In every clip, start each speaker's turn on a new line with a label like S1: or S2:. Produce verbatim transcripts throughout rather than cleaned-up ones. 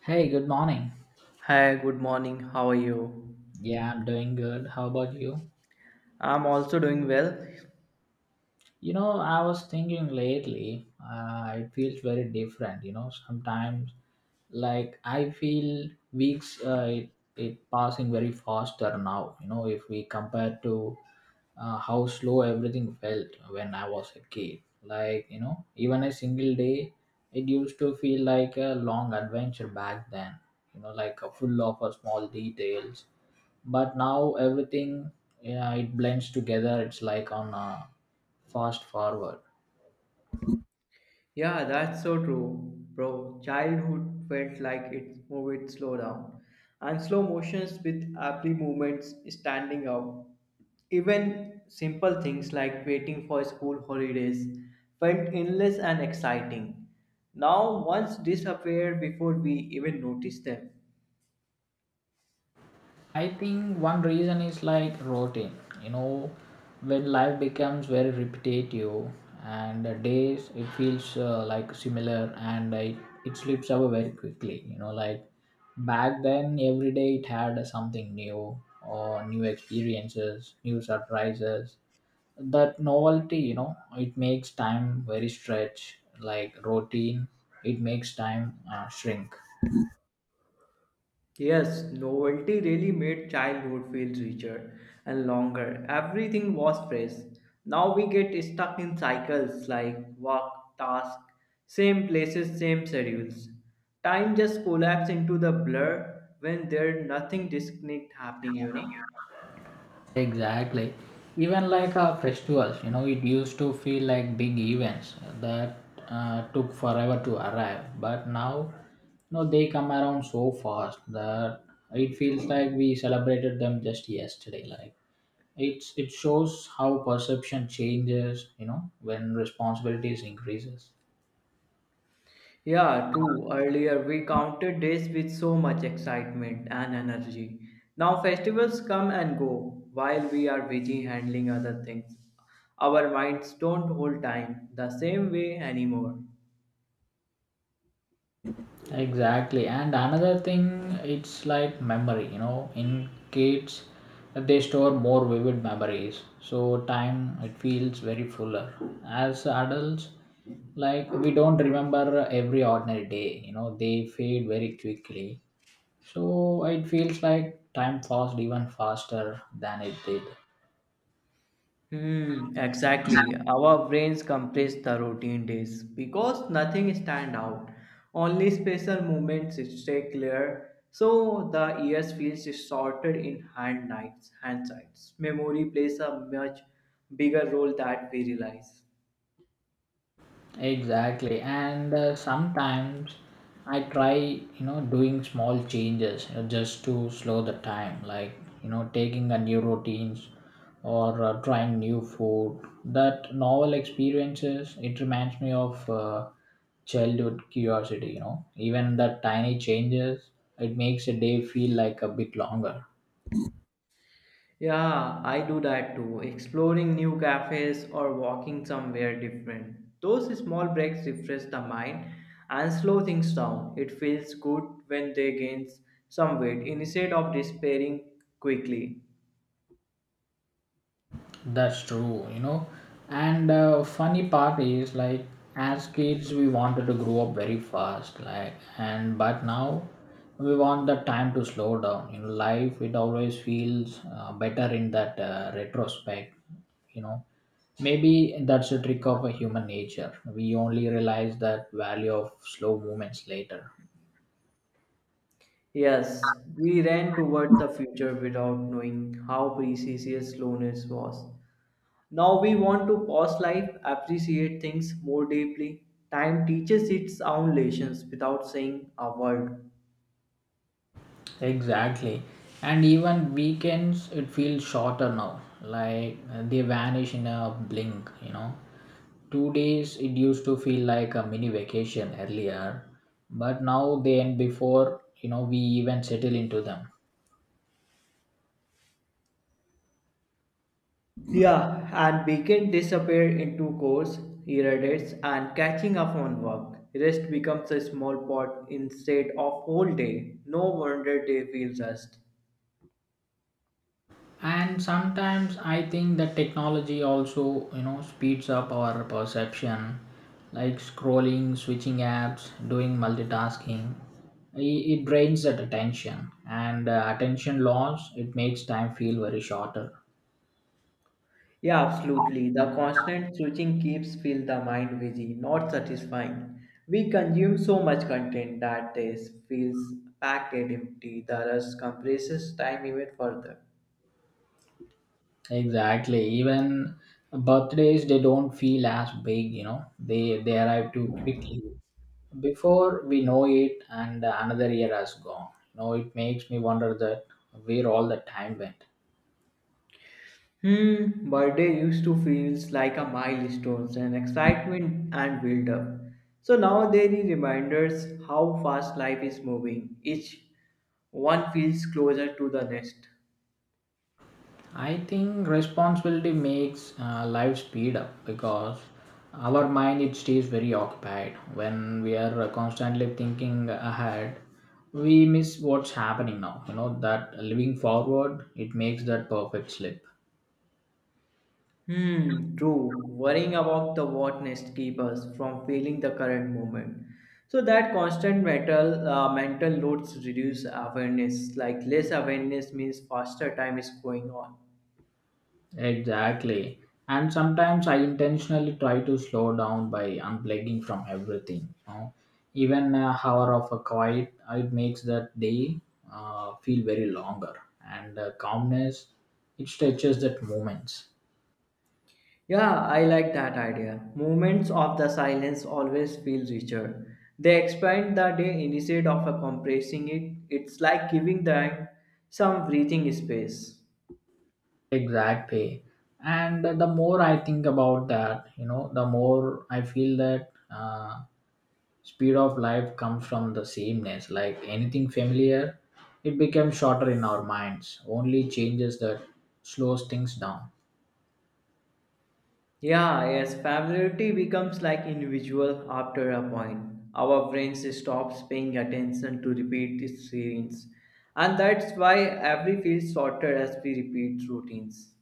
S1: Hey, good morning.
S2: Hi, good morning. How are you?
S1: Yeah, I'm doing good. How about you?
S2: I'm also doing well.
S1: You know, I was thinking lately, uh, it feels very different. You know, sometimes like I feel weeks, uh, it, it passing very faster now you know if we compare to uh, how slow everything felt when I was a kid like you know even a single day it used to feel like a long adventure back then you know like a full of uh, small details. But now everything, yeah, it blends together. It's like on a fast forward.
S2: Yeah, that's so true, bro. Childhood felt like it moved slow down, and slow motions with aptly movements standing out. Even simple things like waiting for school holidays felt endless and exciting. Now, once disappeared before we even noticed them.
S1: I think one reason is like routine. You know, when life becomes very repetitive and the days it feels uh, like similar, and it, it slips away very quickly. You know, like back then every day it had something new or new experiences, new surprises. That novelty, you know, it makes time very stretch. Like routine, it makes time uh, shrink.
S2: Yes, novelty really made childhood feel richer and longer. Everything was fresh. Now we get stuck in cycles like work, task, same places, same schedules. Time just collapses into the blur when there's nothing distinct happening, you know.
S1: Exactly. Even like uh, festivals, you know, it used to feel like big events that uh, took forever to arrive. But now, you know, they come around so fast that it feels like we celebrated them just yesterday. Like it's it shows how perception changes, you know, when responsibilities increases.
S2: Yeah, true. Earlier we counted days with so much excitement and energy. Now festivals come and go while we are busy handling other things. Our minds don't hold time the same way anymore.
S1: Exactly. And another thing, it's like memory, you know, in kids, they store more vivid memories. So time, it feels very fuller. As adults, like we don't remember every ordinary day, you know, they fade very quickly. So it feels like time passed even faster than it did.
S2: Hmm, exactly. Our brains compress the routine days because nothing stand out. Only special moments stay clear. So the years feels shorter in hand nights, hand sights. Memory plays a much bigger role that we realize.
S1: Exactly, and uh, sometimes I try, you know, doing small changes, you know, just to slow the time, like, you know, taking a new routines or uh, trying new food. That novel experiences it reminds me of uh, childhood curiosity. You know, even the tiny changes it makes a day feel like a bit longer.
S2: Yeah, I do that too. Exploring new cafes or walking somewhere different. Those small breaks refresh the mind and slow things down. It feels good when they gain some weight instead of despairing quickly.
S1: That's true, you know. And uh, funny part is like as kids we wanted to grow up very fast, like and but now we want the time to slow down. In life, it always feels uh, better in that uh, retrospect, you know. Maybe that's a trick of a human nature. We only realize that value of slow movements later.
S2: Yes, we ran toward the future without knowing how precious slowness was. Now we want to pause life, appreciate things more deeply. Time teaches its own lessons without saying a word.
S1: Exactly. And even weekends, it feels shorter now. Like uh, they vanish in a blink, you know. Two days it used to feel like a mini vacation earlier, but now they end before you know we even settle into them.
S2: Yeah, and weekend disappear into course, irradiates, and catching up on work. Rest becomes a small pot instead of whole day. No wonder they feel rust.
S1: And sometimes I think that technology also you know speeds up our perception, like scrolling, switching apps, doing multitasking. I- it drains that attention, and uh, attention loss it makes time feel very shorter.
S2: Yeah, absolutely. The constant switching keeps feel the mind busy, not satisfying. We consume so much content that this feels packed and empty. The rust compresses time even further.
S1: Exactly. Even birthdays, they don't feel as big, you know. They they arrive too quickly. Before we know it, and another year has gone. You know, it makes me wonder that where all the time went.
S2: Hmm, birthday used to feels like a milestone and excitement and build up. So nowadays it reminders how fast life is moving. Each one feels closer to the next.
S1: I think responsibility makes uh, life speed up because our mind it stays very occupied when we are uh, constantly thinking ahead. We miss what's happening now. You know that living forward it makes that perfect slip.
S2: Hmm, true. Worrying about the what next keep us from feeling the current moment. So that constant mental uh, mental loads reduce awareness. Like less awareness means faster time is going on.
S1: Exactly. And sometimes I intentionally try to slow down by unplugging from everything. You know? Even an hour of a quiet, uh, it makes that day uh, feel very longer. And uh, calmness, it stretches that moments.
S2: Yeah, I like that idea. Moments of the silence always feel richer. They expand the day instead of compressing it. It's like giving them some breathing space.
S1: Exactly. And the more I think about that, you know, the more I feel that uh, speed of life comes from the sameness, like anything familiar, it becomes shorter in our minds, only changes that slows things down.
S2: Yeah, yes, familiarity becomes like individual after a point. Our brains stops paying attention to repeat scenes, and that's why every feels shorter as we repeat routines.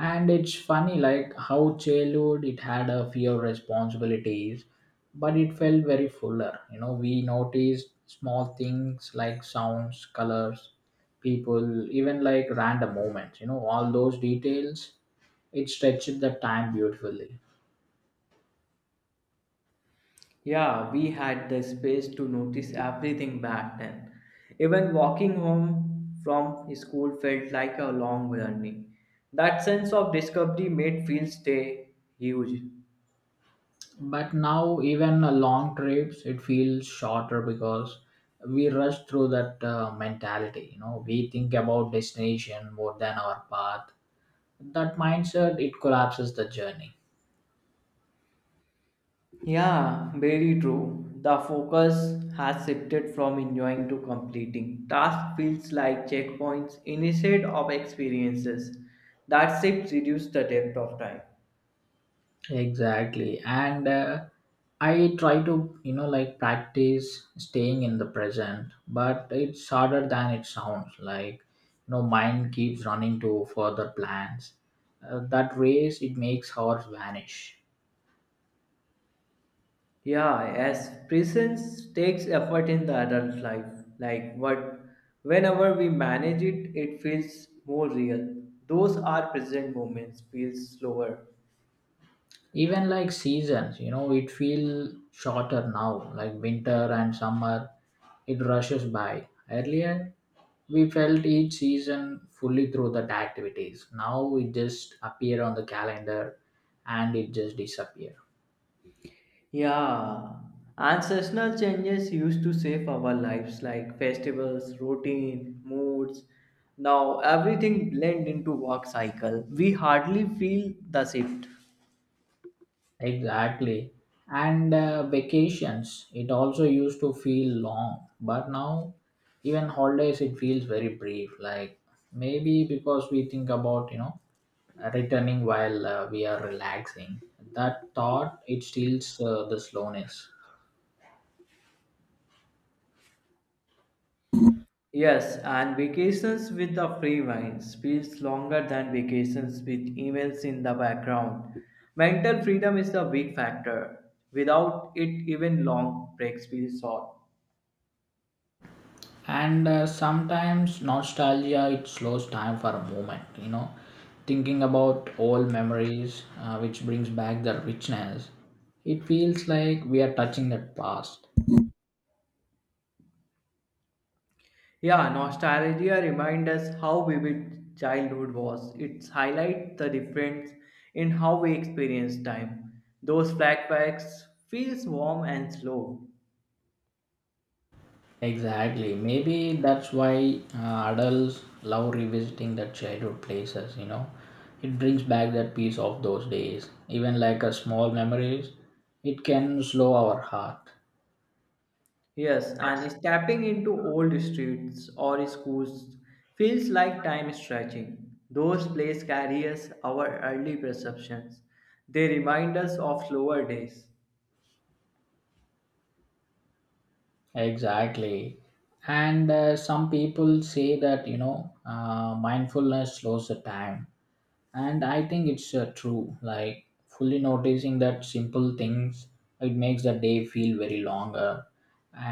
S1: And it's funny, like how childhood it had a few responsibilities, but it felt very fuller. You know, we noticed small things like sounds, colors, people, even like random moments, you know, all those details, it stretched the time beautifully.
S2: Yeah, we had the space to notice everything back then. Even walking home from school felt like a long journey. That sense of discovery made fields stay huge.
S1: But now, even uh, long trips, it feels shorter because we rush through that uh, mentality. You know, we think about destination more than our path. That mindset it collapses the journey.
S2: Yeah, very true. The focus has shifted from enjoying to completing. Task feels like checkpoints instead of experiences. That shift reduced the depth of time.
S1: Exactly, and uh, I try to you know like practice staying in the present, but it's harder than it sounds. Like you know, mind keeps running to further plans. Uh, that race it makes hours vanish.
S2: Yeah, as presence takes effort in the adult life, like what whenever we manage it, it feels more real. Those are present moments feel slower.
S1: Even like seasons you know it feel shorter now, like winter and summer it rushes by earlier. We felt each season fully through that activities. Now it just appear on the calendar and it just disappear.
S2: Yeah. Ancestral changes used to shape our lives like festivals, routine, moods. Now everything blend into work cycle. We hardly feel the shift.
S1: Exactly. And uh, vacations, it also used to feel long, but now even holidays it feels very brief. Like maybe because we think about you know returning while uh, we are relaxing. That thought it steals uh, the slowness.
S2: Yes, and vacations with a free mind feels longer than vacations with emails in the background. Mental freedom is the big factor. Without it, even long breaks feel short.
S1: And uh, sometimes nostalgia it slows time for a moment. You know, thinking about old memories, uh, which brings back the richness. It feels like we are touching that past.
S2: Yeah, nostalgia reminds us how vivid childhood was. It highlights the difference in how we experience time. Those flashbacks feels warm and slow.
S1: Exactly. Maybe that's why uh, adults love revisiting that childhood places, you know. It brings back that piece of those days. Even like a small memories, it can slow our heart.
S2: Yes, and stepping into old streets or schools feels like time stretching. Those places carry us our early perceptions. They remind us of slower days.
S1: Exactly. And uh, some people say that, you know, uh, mindfulness slows the time. And I think it's uh, true, like fully noticing that simple things it makes the day feel very longer.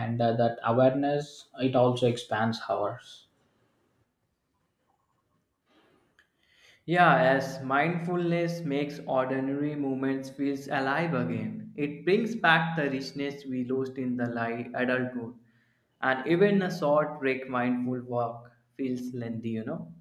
S1: And uh, that awareness it also expands hours.
S2: Yeah, as mindfulness makes ordinary moments feels alive again. It brings back the richness we lost in the light adulthood. And even a short break mindful walk feels lengthy, you know.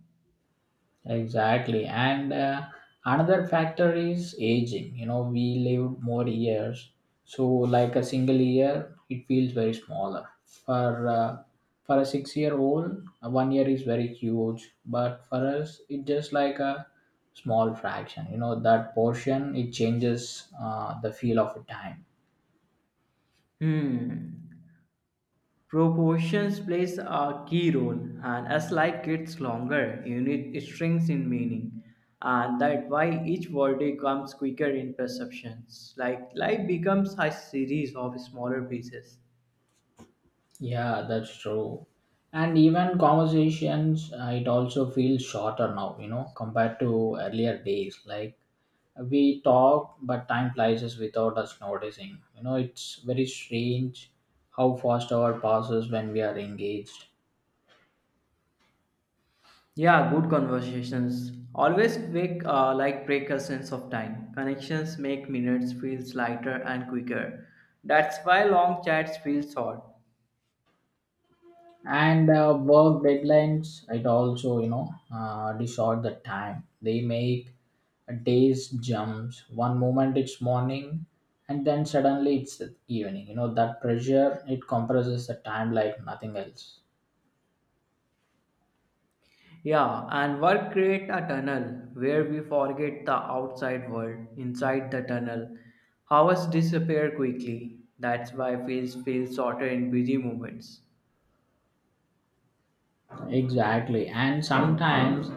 S1: Exactly. And uh, another factor is aging. You know, we live more years. So, like a single year, it feels very smaller. For uh, for a six year old, one year is very huge. But for us, it's just like a small fraction. You know, that portion, it changes uh, the feel of a time.
S2: Hmm. Proportions plays a key role, and as life gets longer, unit shrinks in meaning, and that why each verdict comes quicker in perceptions. Like life becomes a series of smaller pieces.
S1: Yeah, that's true. And even conversations, uh, it also feels shorter now, you know, compared to earlier days. Like, we talk but time flies us without us noticing. You know it's very strange how fast hour passes when we are engaged.
S2: Yeah, good conversations always make uh, like break a sense of time. Connections make minutes feels lighter and quicker. That's why long chats feel short.
S1: And uh, work deadlines it also you know uh, distort the time. They make days jumps. One moment it's morning, and then suddenly it's the evening you know That pressure it compresses the time like nothing else.
S2: Yeah, and work create a tunnel where we forget the outside world. Inside the tunnel, hours disappear quickly. That's why feels feel shorter in busy moments.
S1: Exactly. And sometimes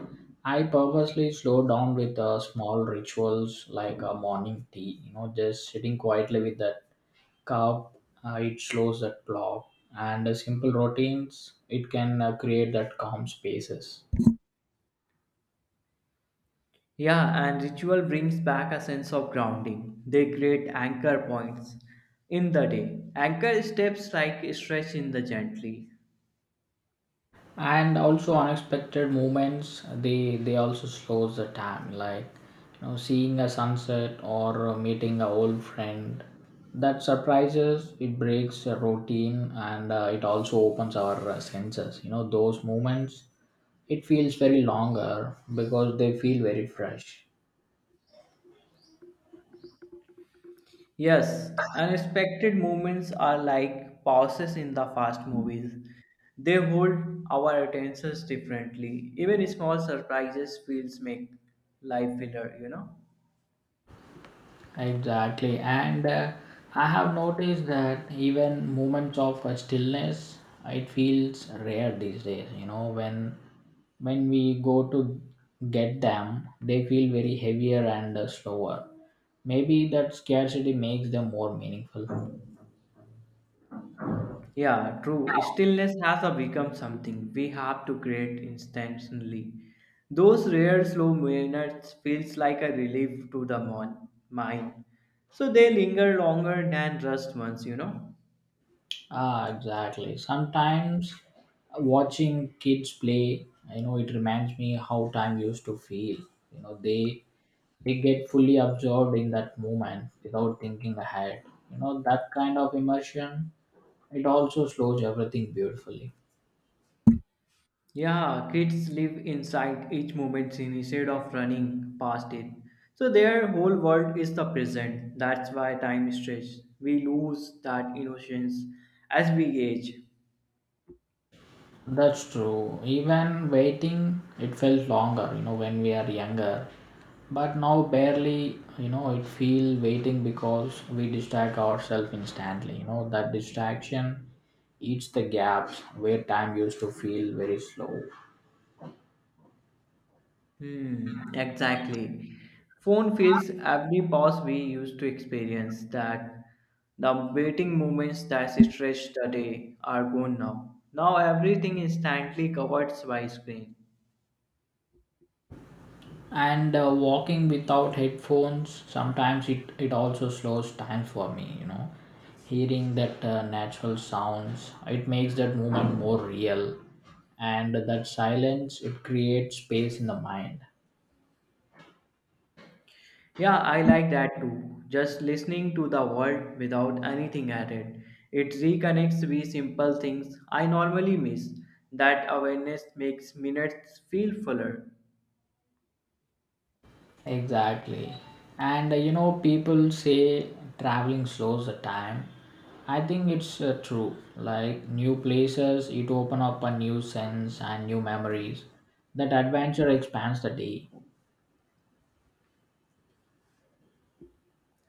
S1: I purposely slow down with uh, small rituals, like a morning tea, you know, just sitting quietly with that cup. Uh, it slows that clock. And uh, simple routines, it can uh, create that calm spaces.
S2: Yeah, and ritual brings back a sense of grounding. They create anchor points in the day. Anchor steps like stretch in the gently.
S1: And also unexpected moments they they also slows the time, like you know seeing a sunset or uh, meeting a old friend. That surprises it breaks a routine. And uh, it also opens our uh, senses. You know those moments it feels very longer because they feel very fresh.
S2: Yes, unexpected moments are like pauses in the fast movies. They hold our attentions differently. Even small surprises feels make life filler, you know?
S1: Exactly. And uh, I have noticed that even moments of uh, stillness, it feels rare these days. You know, when when we go to get them, they feel very heavier and uh, slower. Maybe that scarcity makes them more meaningful.
S2: Yeah, true. Stillness has a become something we have to create instantly. Those rare slow minutes feels like a relief to the mon- mind. So they linger longer than rust ones, you know?
S1: Ah, exactly. Sometimes watching kids play, you know, it reminds me how time used to feel. You know, they they get fully absorbed in that moment without thinking ahead. You know, that kind of immersion, it also slows everything beautifully.
S2: Yeah, kids live inside each moment instead of running past it. So their whole world is the present. That's why time stretches. We lose that innocence as we age.
S1: That's true. Even waiting, it felt longer, you know, when we are younger. But now barely, you know, it feel waiting because we distract ourselves instantly. You know, that distraction eats the gaps where time used to feel very slow.
S2: Hmm, exactly. Phone fills every pause we used to experience that the waiting moments that stretch the day are gone now. Now everything is instantly covered by screen.
S1: And uh, walking without headphones sometimes it, it also slows time for me. You know hearing that uh, natural sounds it makes that moment more real. And that silence it creates space in the mind.
S2: Yeah, I like that too. Just listening to the world without anything added. It reconnects with simple things I normally miss. That awareness makes minutes feel fuller.
S1: Exactly. And uh, you know people say traveling slows the time. I think it's uh, true, like new places it open up a new sense and new memories. That adventure expands the day.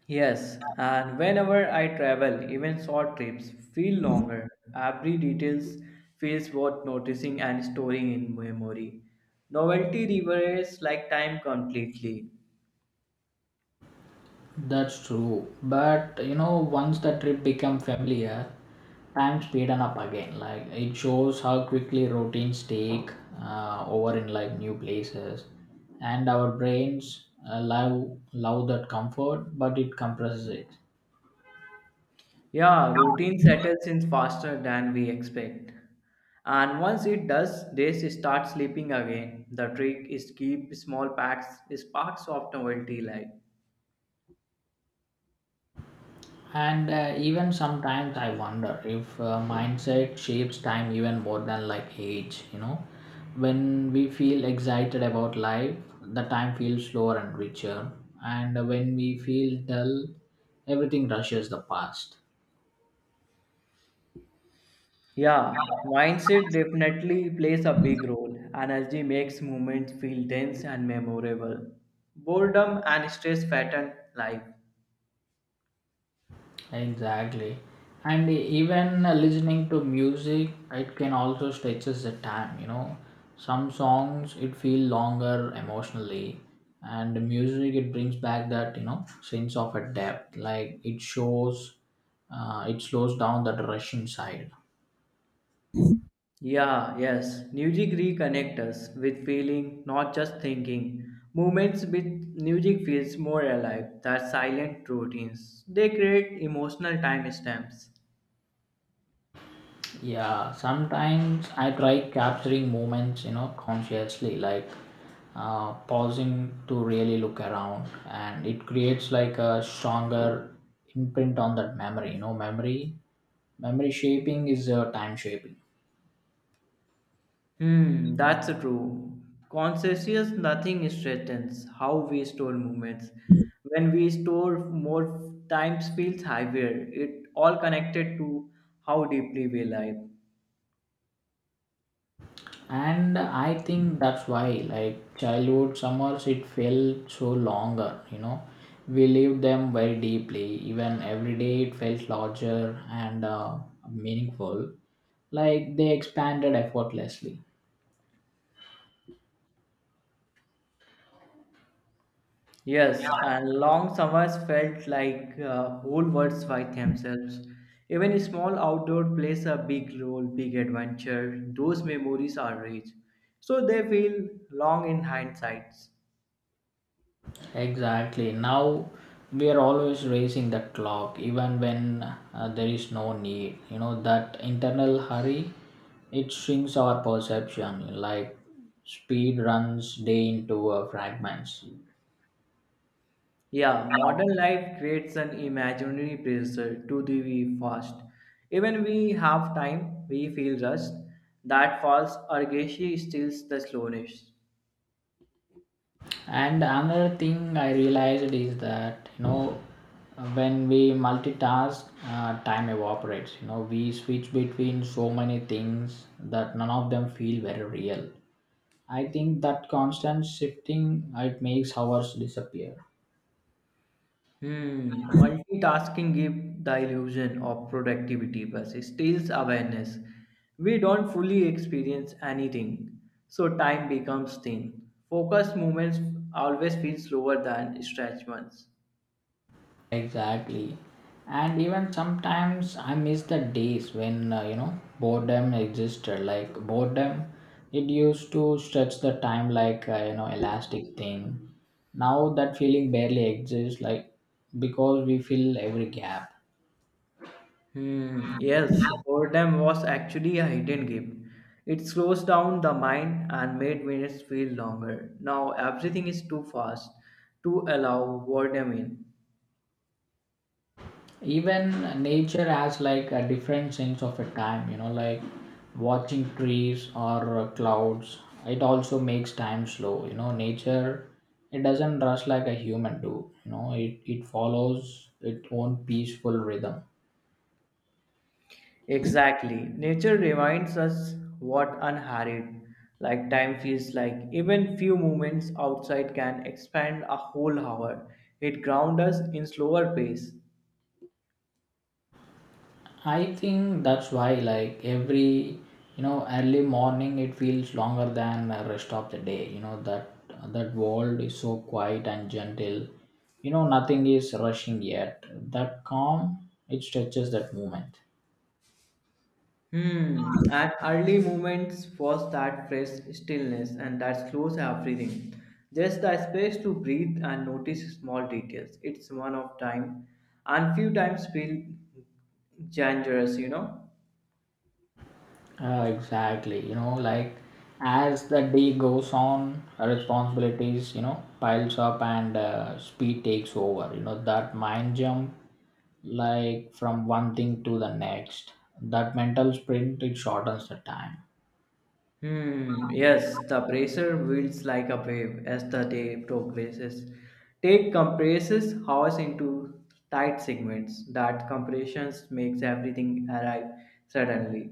S2: Yes, and whenever I travel, even short trips feel longer. Every details feels worth noticing and storing in memory. Novelty reveals like time completely.
S1: That's true. But you know, once the trip become familiar, time speeden up again. Like it shows how quickly routines take uh, over in like new places, and our brains uh, love love that comfort, but it compresses it.
S2: Yeah, routine settles in faster than we expect. And once it does, they start sleeping again. The trick is keep small packs, sparks of novelty like.
S1: And uh, even sometimes I wonder if uh, mindset shapes time even more than like age, you know. When we feel excited about life, the time feels slower and richer. And when we feel dull, everything rushes the past.
S2: Yeah, mindset definitely plays a big role. Energy makes movements feel dense and memorable. Boredom and stress pattern life.
S1: Exactly. And even listening to music, it can also stretches the time, you know. Some songs it feel longer emotionally, and the music it brings back that, you know, sense of a depth. Like it shows uh, it slows down that rush inside.
S2: Yeah, yes. Music reconnect us with feeling, not just thinking. Moments with music feels more alive than silent routines. They create emotional timestamps.
S1: Yeah, sometimes I try capturing moments, you know, consciously, like uh, pausing to really look around, and it creates like a stronger imprint on that memory. You know, memory, memory shaping is uh, time shaping.
S2: Hmm, that's true. Conscious nothing strengthens how we store moments. When we store more times feels heavier. It all connected to how deeply we live.
S1: And I think that's why, like, childhood summers, it felt so longer, you know. We lived them very deeply. Even every day it felt larger and uh, meaningful, like they expanded effortlessly.
S2: Yes, and long summers felt like uh, whole worlds by themselves. Even small outdoor plays a big role, big adventure. Those memories are rich, so they feel long in hindsight.
S1: Exactly. Now we are always racing the clock even when uh, there is no need, you know, that internal hurry. It shrinks our perception, like speed runs day into uh, fragments.
S2: Yeah, modern life creates an imaginary pressure to be fast. Even we have time, we feel rushed. That false urgency steals the slowness.
S1: And another thing I realized is that, you know, when we multitask, uh, time evaporates. You know, we switch between so many things that none of them feel very real. I think that constant shifting, it makes hours disappear.
S2: Hmm. Multitasking gives the illusion of productivity but steals awareness. We don't fully experience anything, so time becomes thin. Focused movements always feel slower than stretched ones.
S1: Exactly. And even sometimes I miss the days when, uh, you know, boredom existed. Like, boredom, it used to stretch the time like, uh, you know, elastic thing. Now that feeling barely exists, like, because we fill every gap.
S2: Hmm. Yes, boredom was actually a hidden gift. It slows down the mind and made minutes feel longer. Now everything is too fast to allow boredom in.
S1: Even nature has, like, a different sense of a time, you know, like watching trees or uh, clouds. It also makes time slow, you know. Nature, it doesn't rush like a human do, you know. It, it follows its own peaceful rhythm.
S2: Exactly. Nature reminds us what unhurried, like time feels like. Even few moments outside can expand a whole hour. It grounds us in slower pace.
S1: I think that's why, like, every, you know, early morning, it feels longer than the rest of the day. You know, that that world is so quiet and gentle. You know, nothing is rushing yet. That calm, it stretches that moment.
S2: Hmm. And early moments was that fresh stillness and that slows everything. Just the space to breathe and notice small details. It's one of time, and few times feel dangerous. You know.
S1: Uh, exactly. You know, like, as the day goes on, responsibilities, you know, piles up and uh, speed takes over. You know, that mind jump, like from one thing to the next, that mental sprint, it shortens the time.
S2: Hmm. Yes, the bracer wields like a wave as the day progresses. Take compresses horse into tight segments. That compressions makes everything arrive suddenly.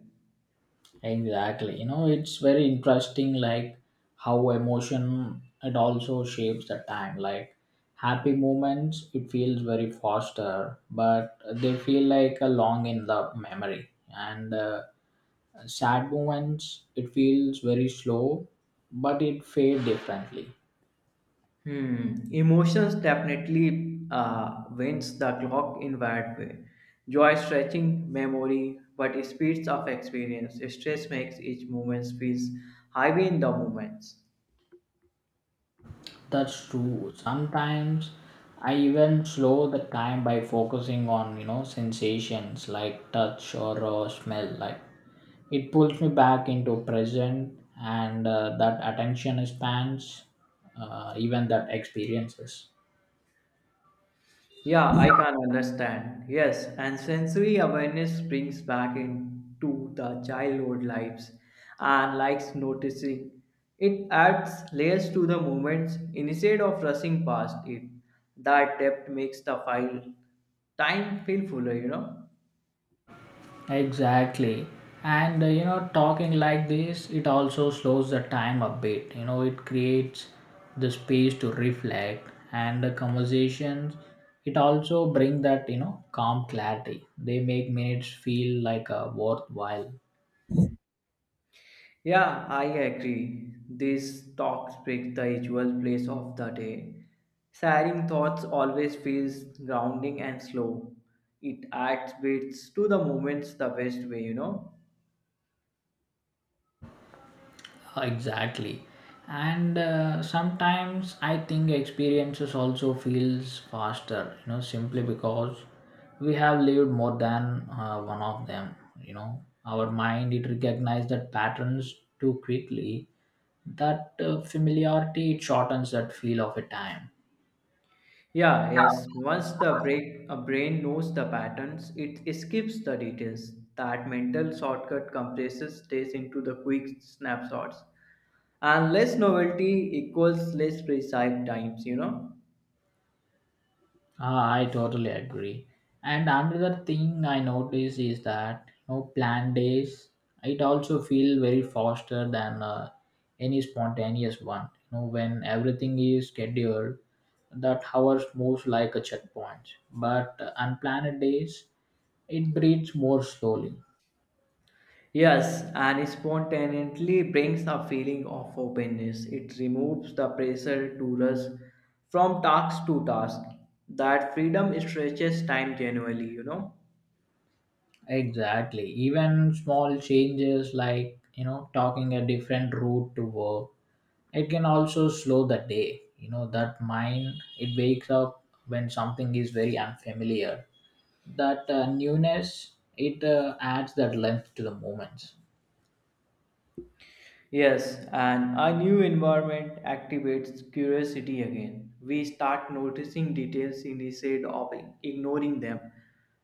S1: Exactly. You know, it's very interesting, like how emotion, it also shapes the time. Like happy moments, it feels very faster, but they feel like a long in the memory. And uh, sad moments, it feels very slow, but it fades differently.
S2: Hmm. Emotions definitely uh, wins the clock in bad way. Joy stretching memory, but speeds of experience. Stress makes each moment feels heavy in the moments.
S1: That's true. Sometimes I even slow the time by focusing on, you know, sensations like touch or uh, smell. Like, it pulls me back into present and uh, that attention spans, uh, even that experiences.
S2: Yeah, I can understand. Yes, and sensory awareness brings back into the childhood lives and likes noticing. It adds layers to the moments instead of rushing past it. That depth makes the file time feel fuller, you know.
S1: Exactly. And uh, you know, talking like this, it also slows the time a bit. You know, it creates the space to reflect and the conversations. It also bring that, you know, calm clarity. They make minutes feel like a worthwhile.
S2: Yeah, I agree. These talks break the usual pace of the day. Sharing thoughts always feels grounding and slow. It adds bits to the moments the best way, you know.
S1: Exactly. And uh, sometimes I think experiences also feels faster, you know, simply because we have lived more than uh, one of them. You know, our mind, it recognizes that patterns too quickly. That uh, familiarity, it shortens that feel of a time.
S2: Yeah, yes. Once the break, a brain knows the patterns, it skips the details. That mental shortcut compresses days into the quick snapshots. And less novelty equals less precise times, you know.
S1: Ah, I totally agree. And another thing I notice is that, you know, planned days. It also feel very faster than uh, any spontaneous one. You know, when everything is scheduled, that hours moves like a checkpoint. But uh, unplanned days, it breathes more slowly.
S2: Yes, and spontaneously brings a feeling of openness. It removes the pressure to rush from task to task. That freedom stretches time genuinely, you know.
S1: Exactly. Even small changes like, you know, talking a different route to work, it can also slow the day. You know, that mind, it wakes up when something is very unfamiliar. That uh, newness, it uh, adds that length to the moments.
S2: Yes, and a new environment activates curiosity again. We start noticing details instead of ignoring them.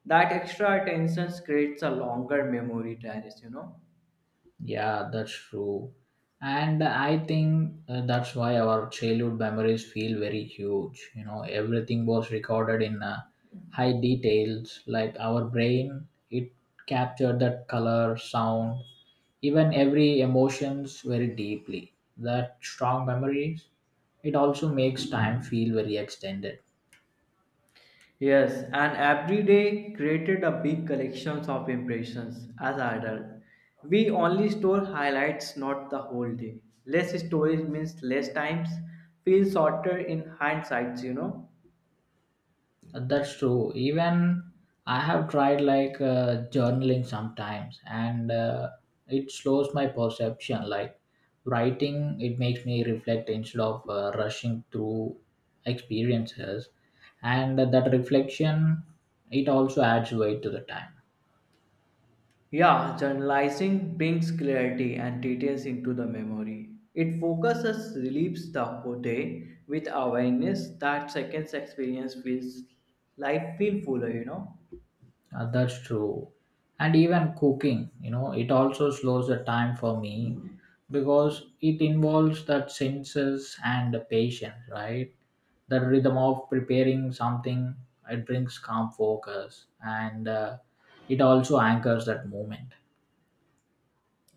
S2: That extra attention creates a longer memory terrace, you know.
S1: Yeah, that's true. And I think uh, that's why our childhood memories feel very huge. You know, everything was recorded in uh, high details. Like, our brain, it captured that color, sound, even every emotions very deeply. That strong memories, it also makes time feel very extended.
S2: Yes, and every day created a big collections of impressions as adult. We only store highlights, not the whole day. Less storage means less times, feel shorter in hindsight, you know.
S1: That's true. Even I have tried like uh, journaling sometimes, and uh, it slows my perception. Like writing, it makes me reflect instead of uh, rushing through experiences, and that reflection, it also adds weight to the time.
S2: Yeah, journalizing brings clarity and details into the memory. It focuses, relieves the whole day with awareness that seconds experience feels life feel fuller, you know.
S1: Uh, that's true. And even cooking, you know, it also slows the time for me because it involves that senses and the patience, right? The rhythm of preparing something, it brings calm focus and uh, it also anchors that moment.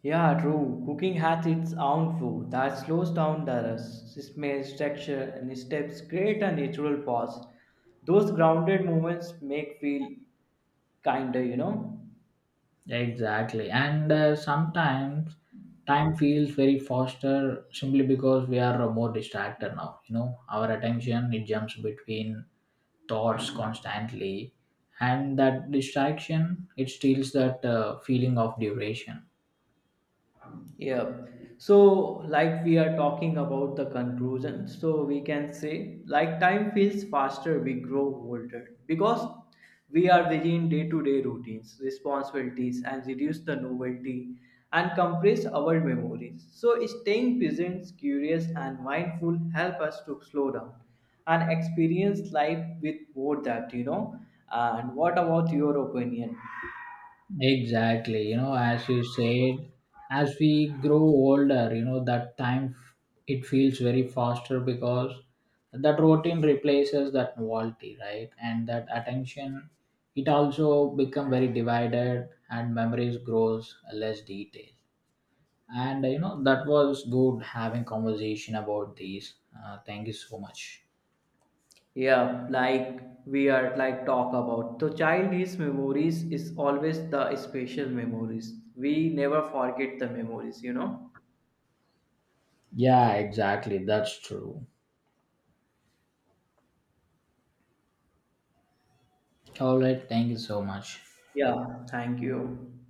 S2: Yeah, true. Cooking has its own flow that slows down the rust, smells, texture, and steps create a natural pause. Those grounded moments make feel kinder, you know.
S1: Exactly. And uh, sometimes time feels very faster simply because we are more distracted now. You know, our attention, it jumps between thoughts constantly, and that distraction, it steals that uh, feeling of duration.
S2: Yeah. So, like we are talking about the conclusion, so we can say, like, time feels faster, we grow older because we are within day to day routines, responsibilities, and reduce the novelty and compress our memories. So, staying present, curious, and mindful help us to slow down and experience life with more depth, you know. And what about your opinion?
S1: Exactly. You know, as you said, as we grow older, you know, that time f- it feels very faster because that routine replaces that novelty, right? And that attention, it also become very divided, and memories grows less detailed. And uh, you know, that was good having conversation about these. Uh, thank you so much.
S2: Yeah, like we are like talk about the child's memories is always the special memories. We never forget the memories, you know?
S1: Yeah, exactly. That's true. All right. Thank you so much.
S2: Yeah, thank you.